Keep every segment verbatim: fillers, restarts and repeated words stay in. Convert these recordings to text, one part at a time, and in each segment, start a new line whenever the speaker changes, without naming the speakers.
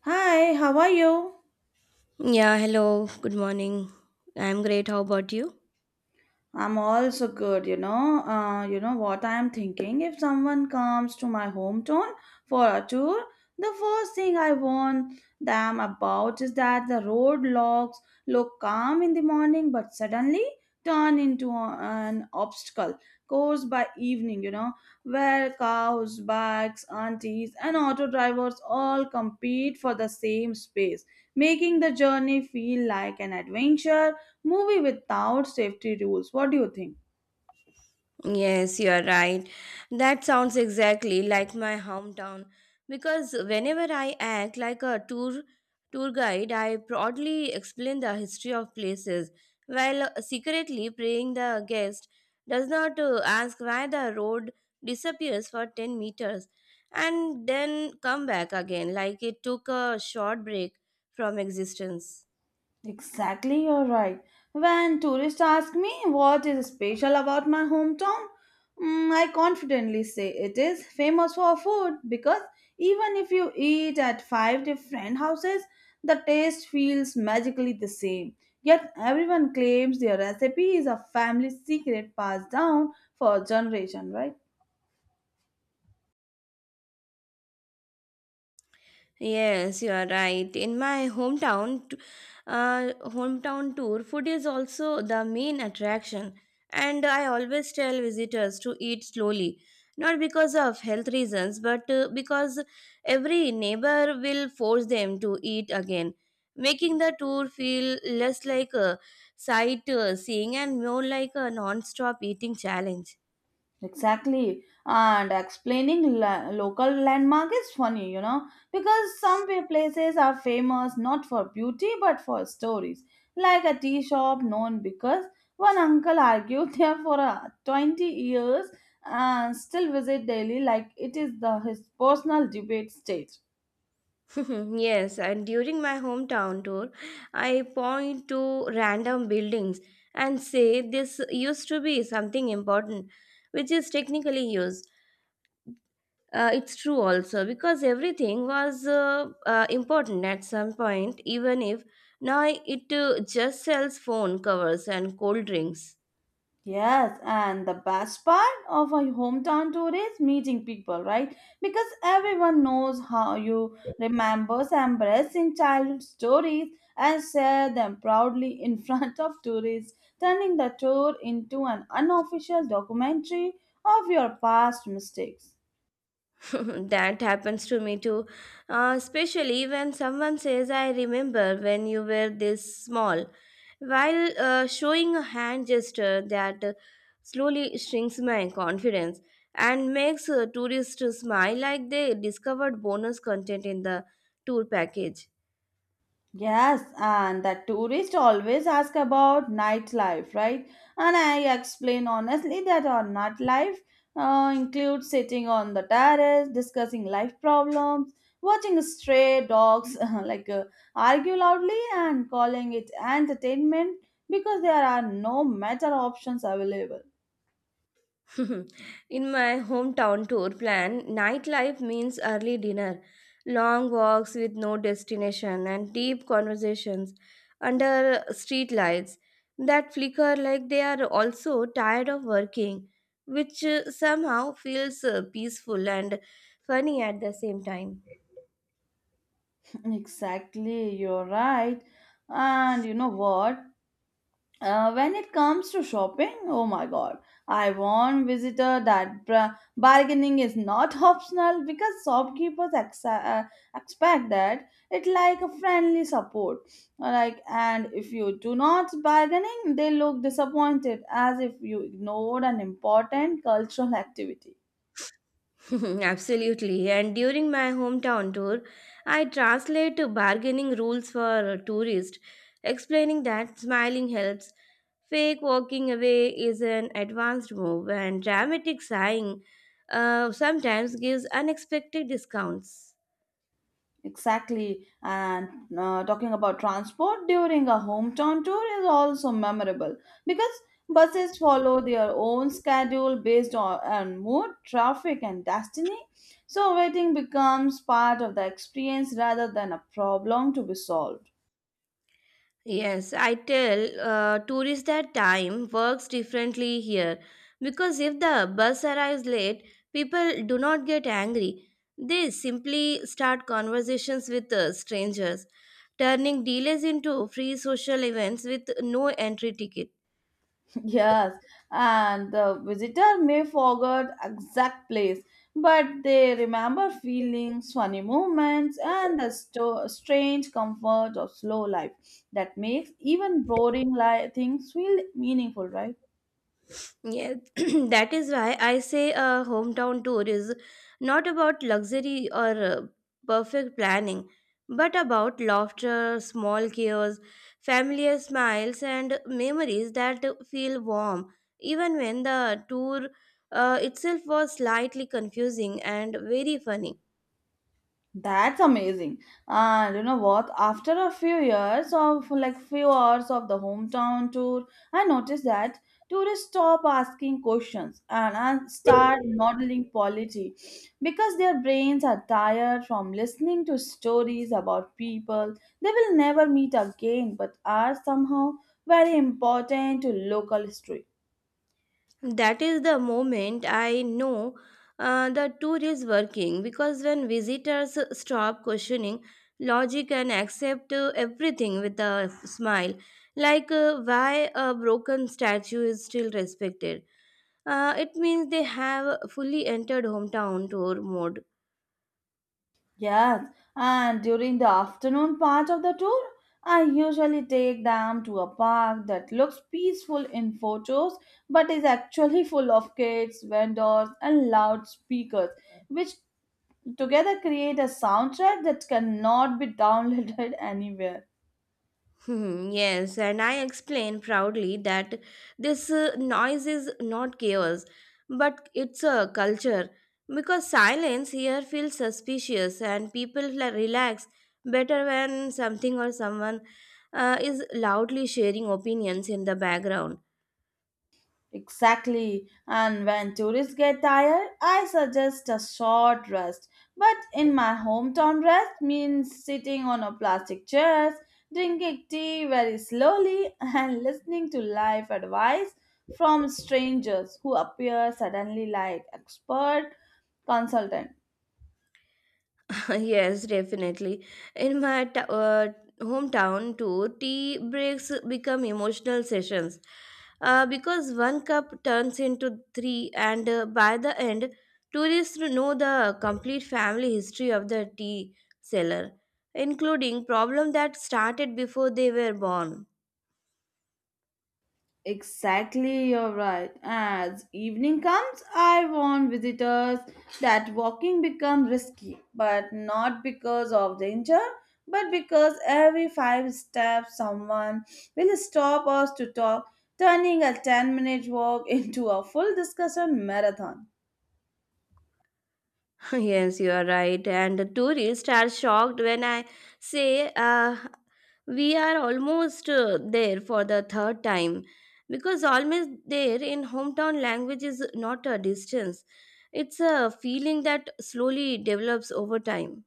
Hi, how are you?
Yeah, hello, good morning. I'm great. How about you?
I'm also good, you know. Uh, you know what I'm thinking? If someone comes to my hometown for a tour, the first thing I warn them about is that the road logs look calm in the morning but suddenly turn into a- an obstacle course by evening, you know, where cows, bikes, aunties, and auto drivers all compete for the same space, making the journey feel like an adventure movie without safety rules. What do you think?
Yes, you are right. That sounds exactly like my hometown because whenever I act like a tour tour guide, I proudly explain the history of places while secretly praying the guest does not uh, ask why the road disappears for ten meters and then come back again like it took a short break from existence.
Exactly, you're right. When tourists ask me what is special about my hometown, mm, I confidently say it is famous for food because even if you eat at five different houses, the taste feels magically the same. Yet everyone claims their recipe is a family secret passed down for generation, right?
Yes, you are right. In my hometown, t- uh, hometown tour, food is also the main attraction, and I always tell visitors to eat slowly, not because of health reasons, but uh, because every neighbor will force them to eat again, making the tour feel less like a sight uh, seeing and more like a non-stop eating challenge.
Exactly. And explaining la- local landmark is funny, you know, because some pa- places are famous not for beauty but for stories. Like a tea shop known because one uncle argued there for uh, twenty years and still visit daily like it is the his personal debate stage.
Yes, and during my hometown tour, I point to random buildings and say this used to be something important, which is technically used. Uh, it's true also because everything was uh, uh, important at some point, even if now it uh, just sells phone covers and cold drinks.
Yes, and the best part of a hometown tour is meeting people, right? Because everyone knows how you remembers embracing childhood stories and share them proudly in front of tourists, turning the tour into an unofficial documentary of your past mistakes.
That happens to me too, uh, especially when someone says, I remember when you were this small, while uh, showing a hand gesture that uh, slowly shrinks my confidence and makes uh, tourists smile like they discovered bonus content in the tour package.
Yes, and the tourists always ask about nightlife, right? And I explain honestly that our nightlife uh, includes sitting on the terrace, discussing life problems, watching stray dogs like uh, argue loudly, and calling it entertainment because there are no better options available.
In my hometown tour plan, nightlife means early dinner, long walks with no destination, and deep conversations under street lights that flicker like they are also tired of working, which uh, somehow feels uh, peaceful and funny at the same time.
Exactly, you're right. And you know what? Uh, when it comes to shopping, oh my god, I warn visitor that bra- bargaining is not optional because shopkeepers ex- uh, expect that it like a friendly support. Like, and if you do not bargaining, they look disappointed as if you ignored an important cultural activity.
Absolutely. And during my hometown tour, I translate bargaining rules for tourists, explaining that smiling helps. Fake walking away is an advanced move, and dramatic sighing uh, sometimes gives unexpected discounts.
Exactly. And uh, talking about transport during a hometown tour is also memorable because buses follow their own schedule based on, on mood, traffic, and destiny. So waiting becomes part of the experience rather than a problem to be solved.
Yes, I tell uh, tourists that time works differently here because if the bus arrives late, people do not get angry. They simply start conversations with uh, strangers, turning delays into free social events with no entry ticket.
Yes, and the visitor may forget exact place, but they remember feelings, funny moments, and the sto- strange comfort of slow life that makes even boring li- things feel meaningful, right?
Yeah, that is why I say a hometown tour is not about luxury or uh, perfect planning, but about laughter, small cares, familiar smiles, and memories that feel warm, even when the tour uh, itself was slightly confusing and very funny.
That's amazing. And you know what? After a few years of like few hours of the hometown tour, I noticed that tourists stop asking questions and uh, start modeling polity because their brains are tired from listening to stories about people they will never meet again but are somehow very important to local history.
That is the moment I know uh, the tour is working because when visitors stop questioning logic and accept uh, everything with a smile, like uh, why a broken statue is still respected, uh, it means they have fully entered hometown tour mode.
Yes, and during the afternoon part of the tour, I usually take them to a park that looks peaceful in photos but is actually full of kids, vendors, and loudspeakers, which together create a soundtrack that cannot be downloaded anywhere.
Hmm, yes, and I explain proudly that this uh, noise is not chaos, but it's a culture because silence here feels suspicious and people la- relax better when something or someone uh, is loudly sharing opinions in the background.
Exactly. And when tourists get tired, I suggest a short rest. But in my hometown, rest means sitting on a plastic chairs, drinking tea very slowly, and listening to life advice from strangers who appear suddenly like expert consultant.
Yes, definitely. In my t- uh, hometown too, tea breaks become emotional sessions uh, because one cup turns into three, and uh, by the end, tourists know the complete family history of the tea seller, including problem that started before they were born.
Exactly, you're right. As evening comes, I warn visitors that walking becomes risky, but not because of danger, but because every five steps someone will stop us to talk, turning a ten minute walk into a full discussion marathon.
Yes, you are right. And the tourists are shocked when I say uh, we are almost uh, there for the third time because almost there in hometown language is not a distance, it's a feeling that slowly develops over time.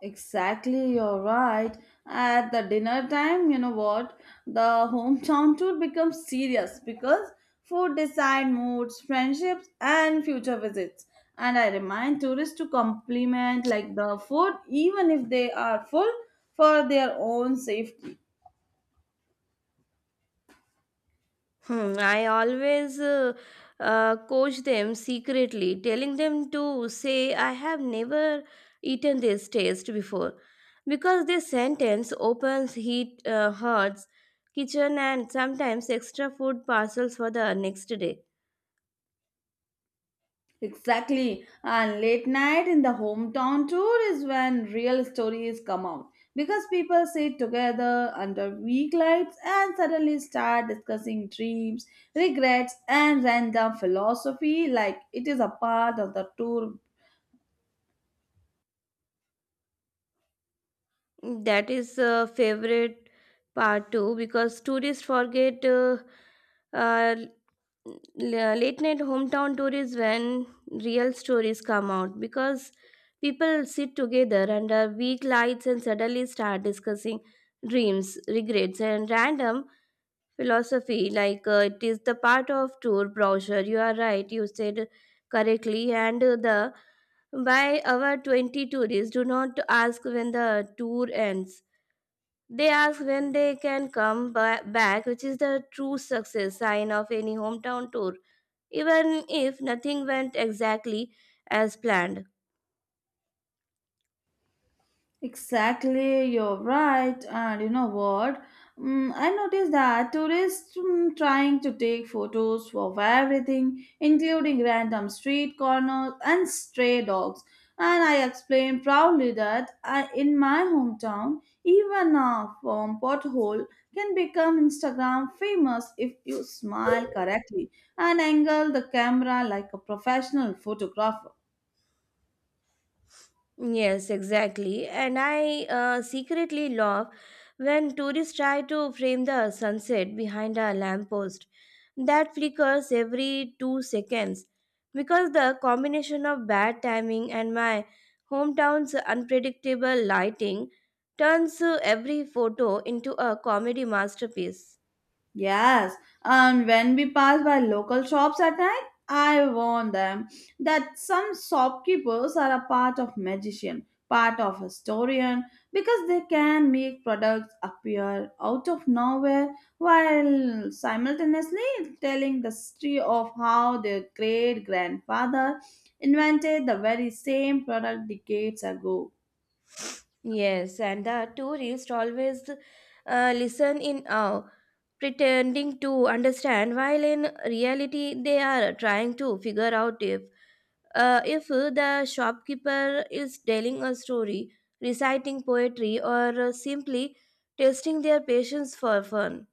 Exactly, you're right. At the dinner time, you know what? The hometown tour becomes serious because food decide moods, friendships, and future visits. And I remind tourists to compliment like the food, even if they are full, for their own safety.
Hmm, I always uh, uh, coach them secretly, telling them to say, I have never eaten this taste before. Because this sentence opens heat uh, hearts, kitchen, and sometimes extra food parcels for the next day.
Exactly. And late night in the hometown tour is when real stories come out because people sit together under weak lights and suddenly start discussing dreams, regrets, and random philosophy like it is a part of the tour.
That is a favorite part too, because tourists forget uh, uh, la- late night hometown tour is when real stories come out because people sit together under weak lights and suddenly start discussing dreams regrets and random philosophy like uh, it is the part of tour brochure you are right you said correctly and uh, the by our twenty tourists do not ask when the tour ends they ask when they can come ba- back which is the true success sign of any hometown tour even if nothing went exactly as planned.
Exactly, you're right. And you know what? Mm, I noticed that tourists mm, trying to take photos of everything, including random street corners and stray dogs. And I explained proudly that I, in my hometown, even a um, pothole can become Instagram famous if you smile correctly and angle the camera like a professional photographer.
Yes, exactly. And I uh, secretly love when tourists try to frame the sunset behind a lamppost that flickers every two seconds because the combination of bad timing and my hometown's unpredictable lighting turns uh, every photo into a comedy masterpiece.
Yes, and when we pass by local shops at night, I warn them that some shopkeepers are a part of magician, part of historian, because they can make products appear out of nowhere while simultaneously telling the story of how their great grandfather invented the very same product decades ago.
Yes, and the tourists always uh, listen in awe, pretending to understand, while in reality they are trying to figure out if uh, if the shopkeeper is telling a story, reciting poetry, or uh, simply testing their patience for fun.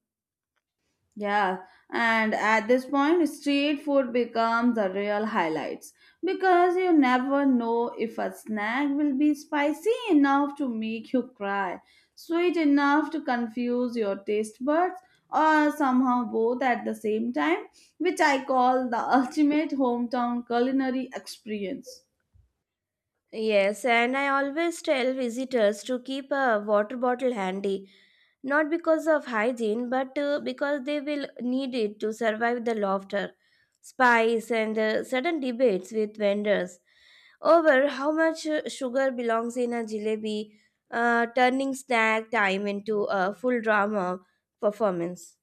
Yeah, and at this point, street food becomes the real highlights because you never know if a snack will be spicy enough to make you cry, sweet enough to confuse your taste buds, or somehow both at the same time, which I call the ultimate hometown culinary experience.
Yes, and I always tell visitors to keep a water bottle handy, not because of hygiene, but uh, because they will need it to survive the laughter, spice, and uh, sudden debates with vendors over how much uh, sugar belongs in a jalebi, uh, turning snack time into a full drama performance.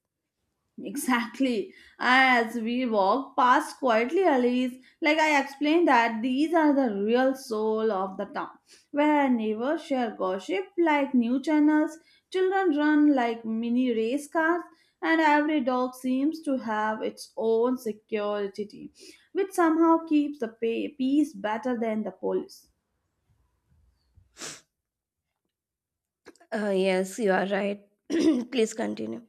Exactly. As we walk past quietly alleys, like I explained that these are the real soul of the town, where neighbors share gossip like new channels, children run like mini race cars, and every dog seems to have its own security team, which somehow keeps the pay- peace better than the police.
Uh, yes, you are right. Please continue.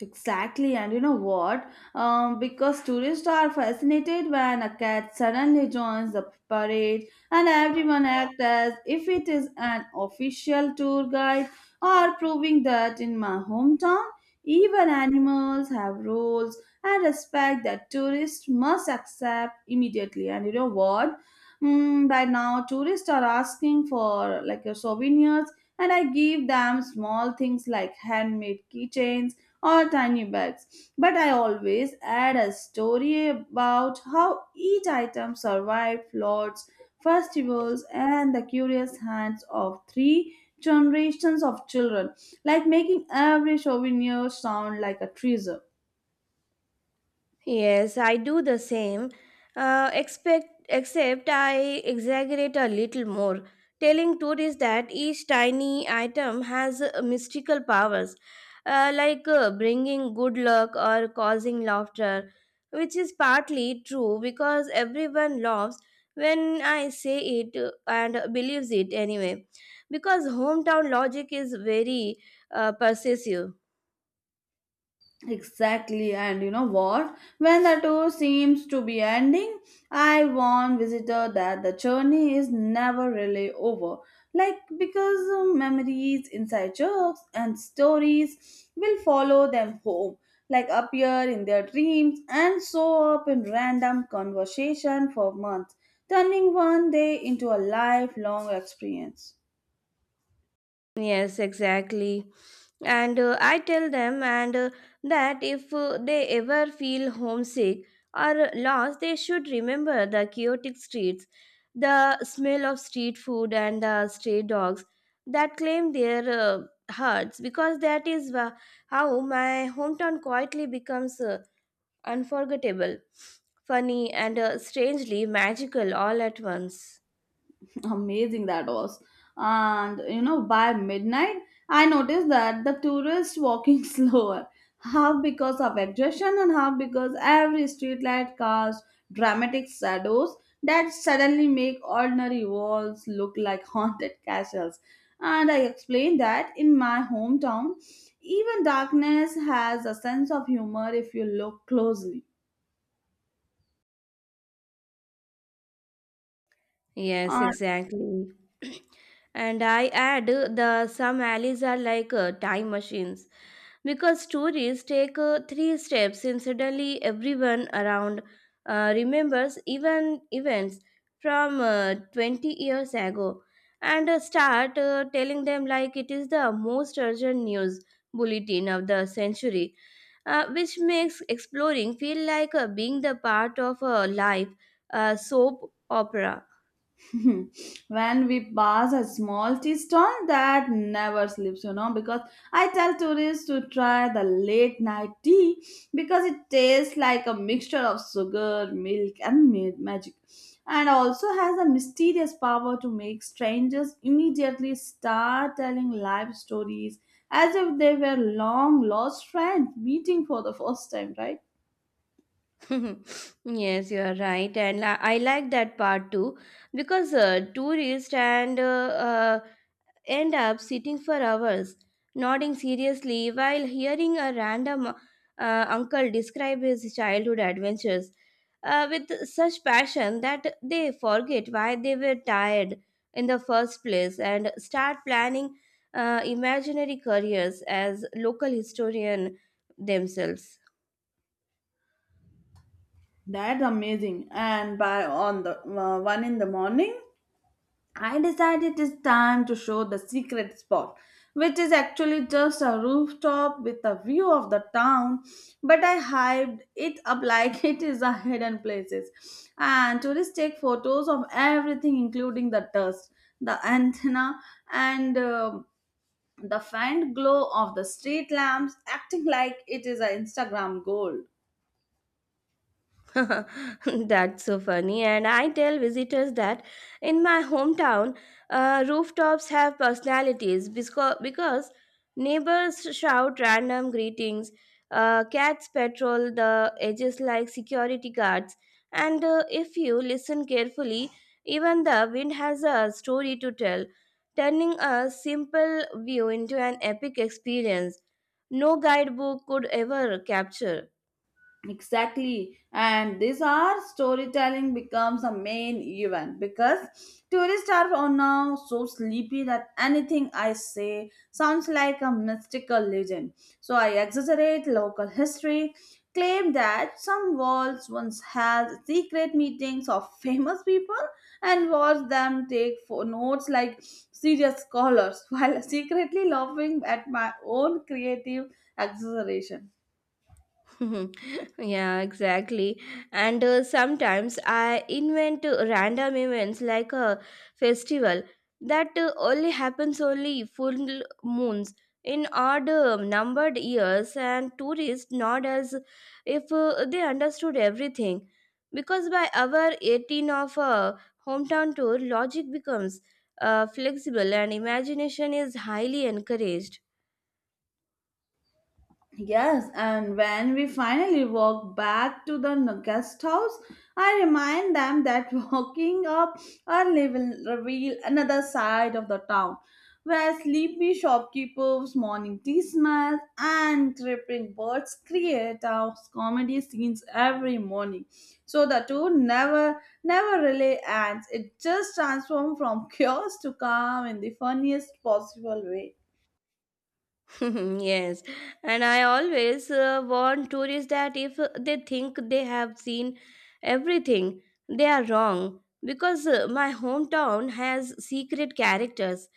Exactly, and you know what? Um, because tourists are fascinated when a cat suddenly joins the parade, and everyone acts as if it is an official tour guide, or proving that in my hometown, even animals have rules and respect that tourists must accept immediately. And you know what? Mm, by now, tourists are asking for like uh, souvenirs, and I give them small things like handmade keychains or tiny bags. But I always add a story about how each item survived floods, festivals, and the curious hands of three generations of children, like making every souvenir sound like a treasure.
Yes, I do the same. Uh, expect, except I exaggerate a little more, telling tourists that each tiny item has uh, mystical powers, uh, like uh, bringing good luck or causing laughter, which is partly true because everyone laughs when I say it uh, and believes it anyway, because hometown logic is very uh, persuasive.
Exactly, and you know what? When the tour seems to be ending, I warn visitor that the journey is never really over. Like because um, memories, inside jokes, and stories will follow them home, like appear in their dreams and show up in random conversation for months, turning one day into a lifelong experience.
Yes, exactly. And uh, I tell them and uh, that if uh, they ever feel homesick or lost, they should remember the chaotic streets, the smell of street food and the stray dogs that claim their uh, hearts because that is wha- how my hometown quietly becomes uh, unforgettable, funny and uh, strangely magical all at once.
Amazing that was. And you know, by midnight, I noticed that the tourists walking slower, half because of exhaustion and half because every streetlight casts dramatic shadows that suddenly make ordinary walls look like haunted castles. And I explained that in my hometown even darkness has a sense of humor if you look closely.
Yes,
Uh,
exactly. And I add uh, the some alleys are like uh, time machines because stories take uh, three steps and suddenly everyone around uh, remembers even events from uh, twenty years ago and uh, start uh, telling them like it is the most urgent news bulletin of the century uh, which makes exploring feel like uh, being the part of a live uh, soap opera.
Hmm. when we pass a small tea stall that never sleeps, you know, because I tell tourists to try the late night tea because it tastes like a mixture of sugar, milk, and ma- magic, and also has a mysterious power to make strangers immediately start telling life stories as if they were long lost friends meeting for the first time, right?
Yes, you are right, and I, I like that part too because uh, tourists and uh, uh, end up sitting for hours, nodding seriously while hearing a random uh, uncle describe his childhood adventures uh, with such passion that they forget why they were tired in the first place and start planning uh, imaginary careers as local historian themselves.
That's amazing. And by on the uh, one in the morning I decided it is time to show the secret spot, which is actually just a rooftop with a view of the town, but I hyped it up like it is a hidden places. And tourists take photos of everything, including the dust, the antenna, and um the faint glow of the street lamps, acting like it is an Instagram gold.
That's so funny. And I tell visitors that in my hometown, uh, rooftops have personalities because, because neighbors shout random greetings, uh, cats patrol the edges like security guards, and uh, if you listen carefully, even the wind has a story to tell, turning a simple view into an epic experience no guidebook could ever capture.
Exactly, and this our storytelling becomes a main event because tourists are all now so sleepy that anything I say sounds like a mystical legend. So I exaggerate local history, claim that some walls once held secret meetings of famous people, and watch them take for notes like serious scholars while secretly laughing at my own creative exaggeration.
Yeah, exactly. And uh, sometimes I invent uh, random events like a festival that uh, only happens only full moons in odd uh, numbered years, and tourists nod as if uh, they understood everything. Because by our eighteen of a hometown tour, logic becomes uh, flexible and imagination is highly encouraged.
Yes, and when we finally walk back to the n- guest house, I remind them that walking up early will reveal another side of the town, where sleepy shopkeepers, morning tea smells, and creeping birds create our comedy scenes every morning. So the tour never, never really ends. It just transforms from chaos to calm in the funniest possible way.
Yes, and I always uh, warn tourists that if they think they have seen everything, they are wrong. Because uh, my hometown has secret characters,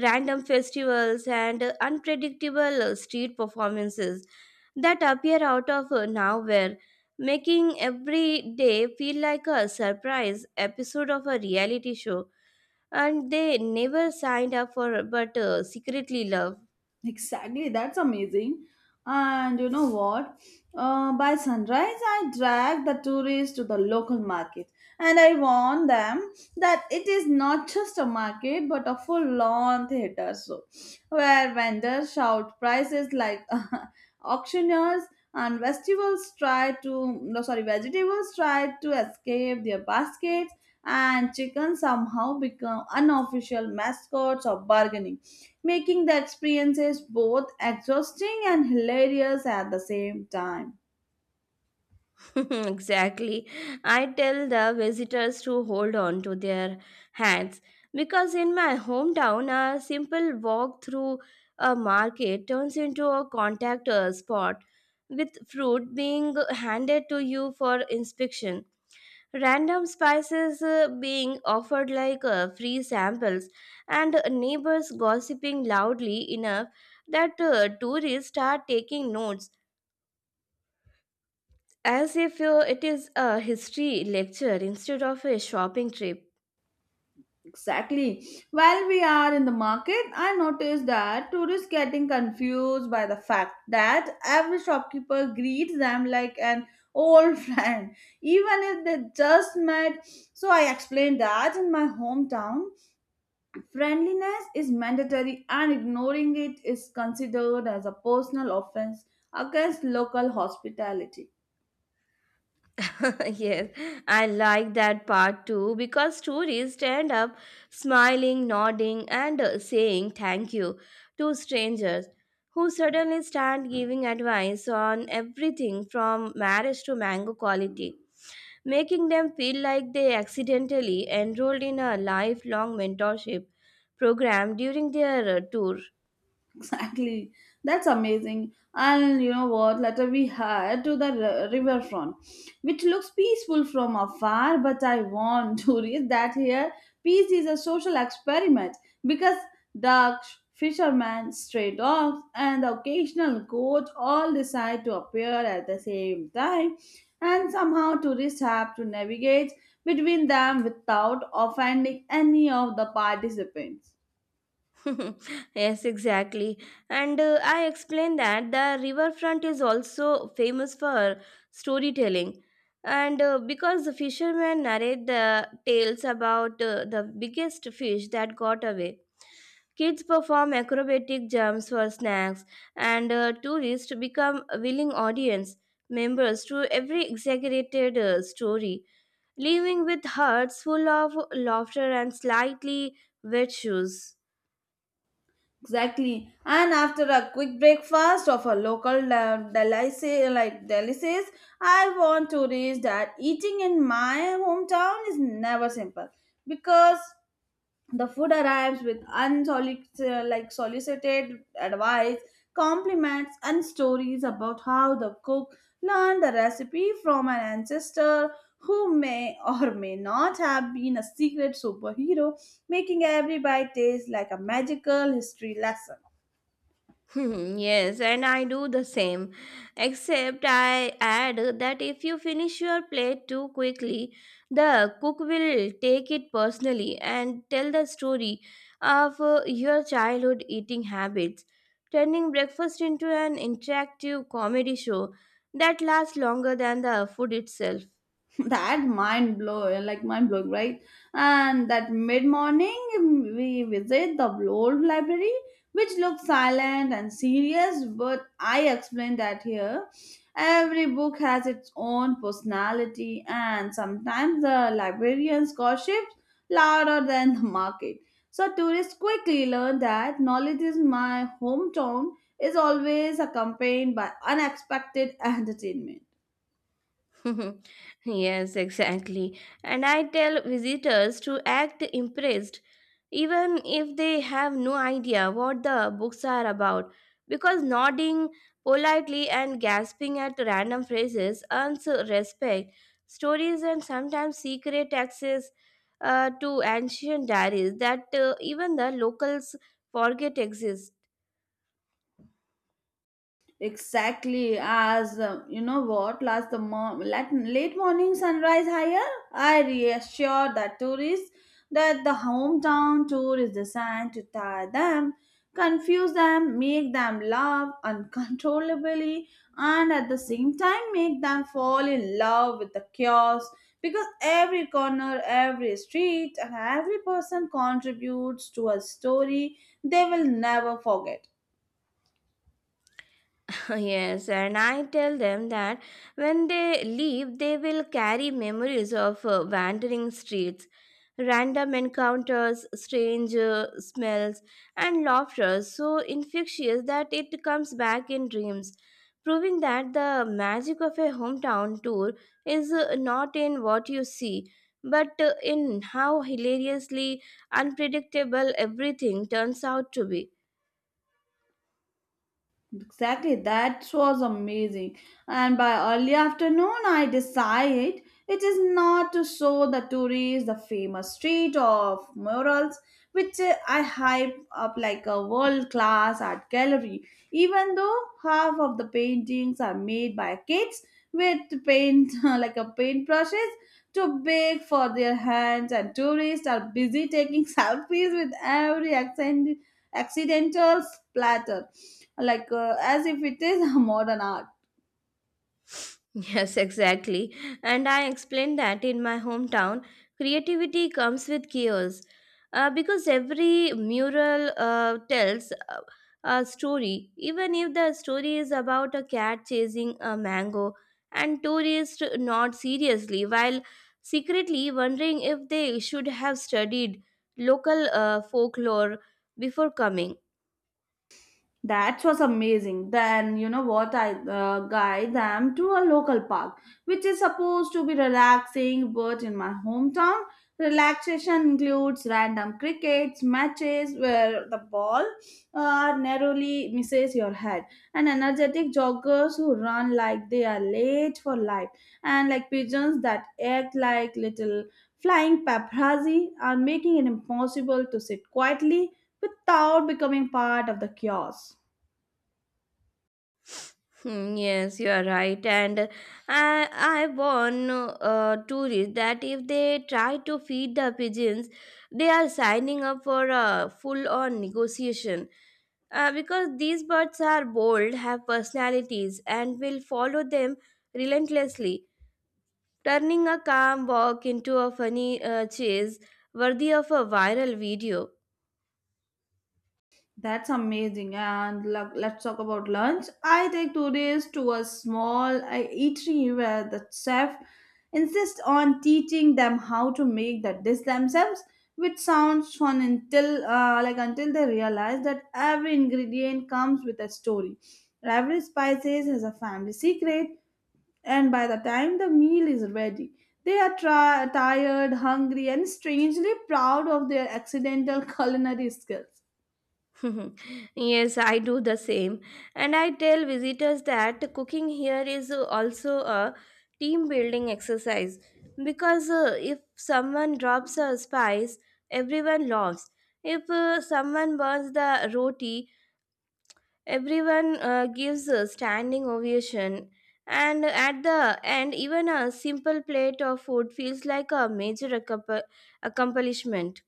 random festivals, and uh, unpredictable uh, street performances that appear out of uh, nowhere, making every day feel like a surprise episode of a reality show. And they never signed up for but uh, secretly love.
Exactly, that's amazing. And you know what? Uh, by sunrise, I drag the tourists to the local market and I warn them that it is not just a market but a full on theater show where vendors shout prices like auctioneers and vegetables try to no sorry vegetables try to escape their baskets and chickens somehow become unofficial mascots of bargaining making the experiences both exhausting and hilarious at the same time.
Exactly. I tell the visitors to hold on to their hands because in my hometown, a simple walk through a market turns into a contact uh, spot with fruit being handed to you for inspection. Random spices uh, being offered like uh, free samples, and neighbors gossiping loudly enough that uh, tourists start taking notes as if uh, it is a history lecture instead of a shopping trip.
Exactly. While we are in the market, I noticed that tourists getting confused by the fact that every shopkeeper greets them like an old friend, even if they just met. So I explained that in my hometown, friendliness is mandatory and ignoring it is considered as a personal offense against local hospitality.
Yes, I like that part too because tourists stand up smiling, nodding, and uh, saying thank you to strangers who suddenly start giving advice on everything from marriage to mango quality, making them feel like they accidentally enrolled in a lifelong mentorship program during their uh, tour.
Exactly. That's amazing. And you know what? Later we had to the r- riverfront, which looks peaceful from afar. But I warn tourists that here peace is a social experiment because ducks, fishermen, stray dogs, and the occasional goat all decide to appear at the same time. And somehow tourists have to navigate between them without offending any of the participants.
Yes, exactly. And uh, I explained that the riverfront is also famous for storytelling. And uh, because the fishermen narrate the tales about uh, the biggest fish that got away, kids perform acrobatic jumps for snacks, and uh, tourists become willing audience members to every exaggerated uh, story, leaving with hearts full of laughter and slightly wet shoes.
Exactly. And after a quick breakfast of a local del- delicacy, like delicacies, I want to reach that eating in my hometown is never simple because the food arrives with unsolicited, like solicited advice, compliments, and stories about how the cook learned the recipe from an ancestor who may or may not have been a secret superhero, making every bite taste like a magical history lesson.
Hmm, yes, and I do the same. Except I add that if you finish your plate too quickly, the cook will take it personally and tell the story of uh, your childhood eating habits, turning breakfast into an interactive comedy show that lasts longer than the food itself.
That mind blow, like mind blowing, right? And that mid morning we visit the old library, which looks silent and serious, but I explained that here every book has its own personality and sometimes the librarian's gossip louder than the market, so tourists quickly learn that knowledge is my hometown is always accompanied by unexpected entertainment.
Yes, exactly. And I tell visitors to act impressed, even if they have no idea what the books are about, because nodding politely and gasping at random phrases earns respect. Stories and sometimes secret access uh, to ancient diaries that uh, even the locals forget exist.
Exactly. as uh, You know what? Last the mo- lat- Late morning sunrise higher, I reassure the tourists that the hometown tour is designed to tire them, confuse them, make them laugh uncontrollably, and at the same time make them fall in love with the chaos, because every corner, every street, and every person contributes to a story they will never forget.
Yes, and I tell them that when they leave, they will carry memories of uh, wandering streets, random encounters, strange uh, smells, and laughter so infectious that it comes back in dreams, proving that the magic of a hometown tour is uh, not in what you see, but uh, in how hilariously unpredictable everything turns out to be.
Exactly, that was amazing. And by early afternoon, I decide it is not to show the tourists the famous street of murals, which uh, I hype up like a world class art gallery, even though half of the paintings are made by kids with paint like a paintbrushes too big for their hands, and tourists are busy taking selfies with every accent, accidental splatter like uh, as if it is a modern art.
Yes, exactly. And I explained that in my hometown, creativity comes with chaos. Uh, because every mural uh, tells uh, a story, even if the story is about a cat chasing a mango and tourists not seriously, while secretly wondering if they should have studied local uh, folklore before coming.
That was amazing. Then, you know what, I uh, guide them to a local park, which is supposed to be relaxing, but in my hometown, relaxation includes random crickets matches where the ball uh, narrowly misses your head, and energetic joggers who run like they are late for life, and like pigeons that act like little flying paparazzi are making it impossible to sit quietly without becoming part of the chaos.
Hmm, yes, you are right, and uh, I I warn uh, tourists that if they try to feed the pigeons, they are signing up for a full-on negotiation. Uh, because these birds are bold, have personalities, and will follow them relentlessly, turning a calm walk into a funny uh, chase worthy of a viral video.
That's amazing. And lo- let's talk about lunch. I take two days to a small uh, eatery where the chef insists on teaching them how to make the dish themselves, which sounds fun until uh, like until they realize that every ingredient comes with a story. Every spices has a family secret, and by the time the meal is ready, they are tri- tired, hungry, and strangely proud of their accidental culinary skills.
Yes, I do the same. And I tell visitors that cooking here is also a team building exercise because uh, if someone drops a spice, everyone laughs. If uh, someone burns the roti, everyone uh, gives a standing ovation. And at the end, even a simple plate of food feels like a major accompa- accomplishment.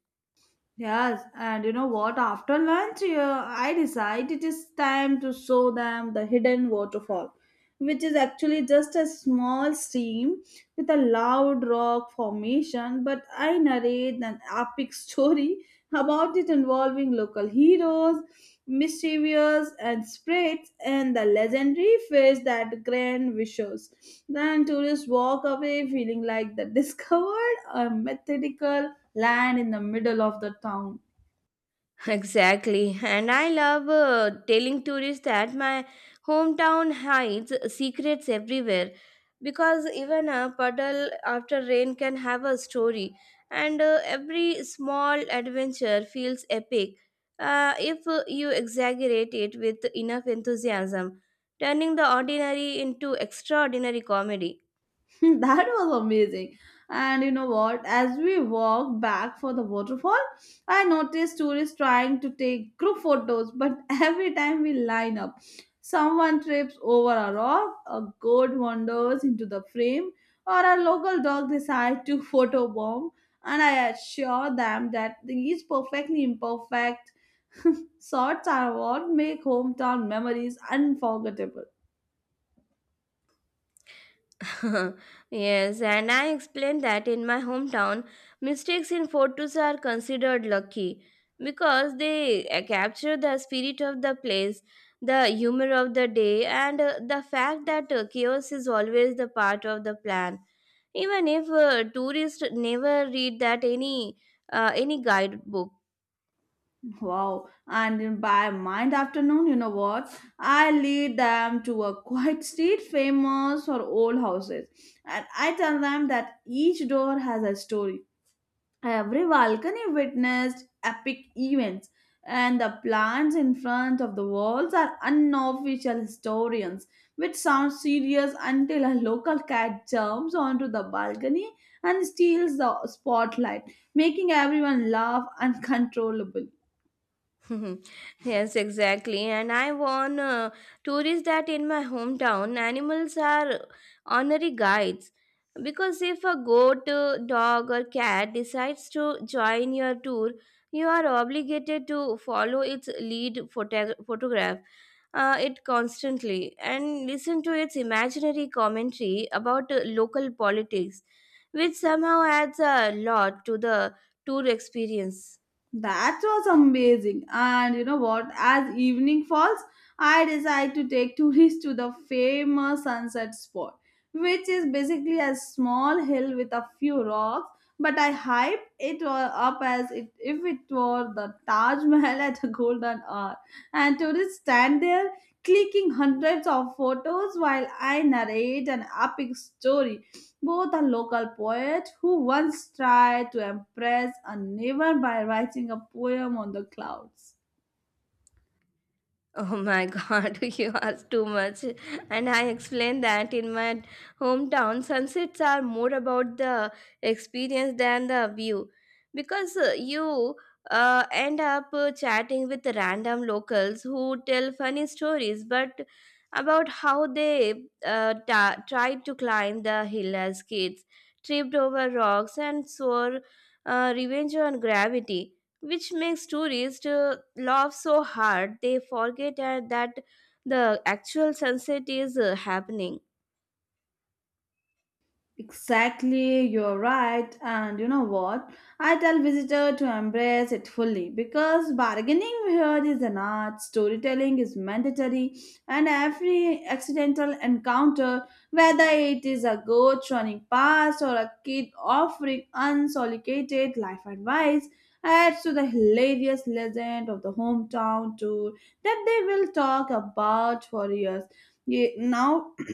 Yes, and you know what? After lunch, uh, I decide it is time to show them the hidden waterfall, which is actually just a small stream with a loud rock formation. But I narrate an epic story about it, involving local heroes, mischievous and spirits, and the legendary fish that grand wishes. Then tourists walk away feeling like they discovered a mythical land in the middle of the town.
Exactly. And I love uh, telling tourists that my hometown hides secrets everywhere because even a puddle after rain can have a story, and uh, every small adventure feels epic uh, if uh, you exaggerate it with enough enthusiasm, turning the ordinary into extraordinary comedy.
That was amazing. And you know what? As we walked back for the waterfall, I noticed tourists trying to take group photos, but every time we line up, someone trips over a rock, a goat wanders into the frame, or a local dog decides to photobomb. And I assure them that these perfectly imperfect sorts are what make hometown memories unforgettable.
Yes, and I explained that in my hometown, mistakes in photos are considered lucky because they uh, capture the spirit of the place, the humor of the day, and uh, the fact that uh, chaos is always the part of the plan. Even if uh, tourists never read that any uh, any guidebook.
Wow. And in- by mind afternoon, you know what? I lead them to a quiet street famous for old houses. And I tell them that each door has a story. Every balcony witnessed epic events. And the plants in front of the walls are unofficial historians, which sounds serious until a local cat jumps onto the balcony and steals the spotlight, making everyone laugh uncontrollable.
Yes, exactly. And I warn uh, tourists that in my hometown, animals are honorary guides. Because if a goat, uh, dog, or cat decides to join your tour, you are obligated to follow its lead photog- photograph uh, it constantly and listen to its imaginary commentary about uh, local politics, which somehow adds a lot to the tour experience.
That was amazing. And you know what? As evening falls, I decide to take tourists to the famous sunset spot, which is basically a small hill with a few rocks. But I hype it wa- up as it, if it were the Taj Mahal at a golden hour. And tourists stand there clicking hundreds of photos while I narrate an epic story both a local poet who once tried to impress a neighbor by writing a poem on the clouds.
Oh my god, you ask too much. And I explained that in my hometown, sunsets are more about the experience than the view. Because uh, you uh, end up uh, chatting with random locals who tell funny stories, but about how they uh, ta- tried to climb the hill as kids, tripped over rocks, and swore uh, revenge on gravity which makes tourists uh, laugh so hard they forget uh, that the actual sunset is uh, happening.
Exactly, you're right. And you know what? I tell visitor to embrace it fully, because bargaining here is an art, storytelling is mandatory, and every accidental encounter, whether it is a goat running past or a kid offering unsolicited life advice, adds to the hilarious legend of the hometown tour that they will talk about for years. Ye- Now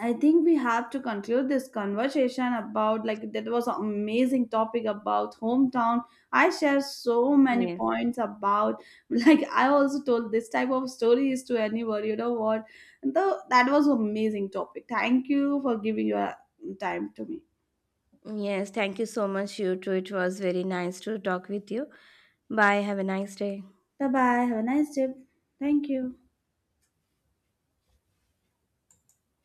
I think we have to conclude this conversation about, like, that was an amazing topic about hometown. I share so many
Yes.
points about like I also told this type of stories to anyone. You know what? Though that was amazing topic. Thank you for giving your time to me.
Yes, thank you so much, you too. It was very nice to talk with you. Bye. Have a nice day.
Bye bye. Have a nice day. Thank you.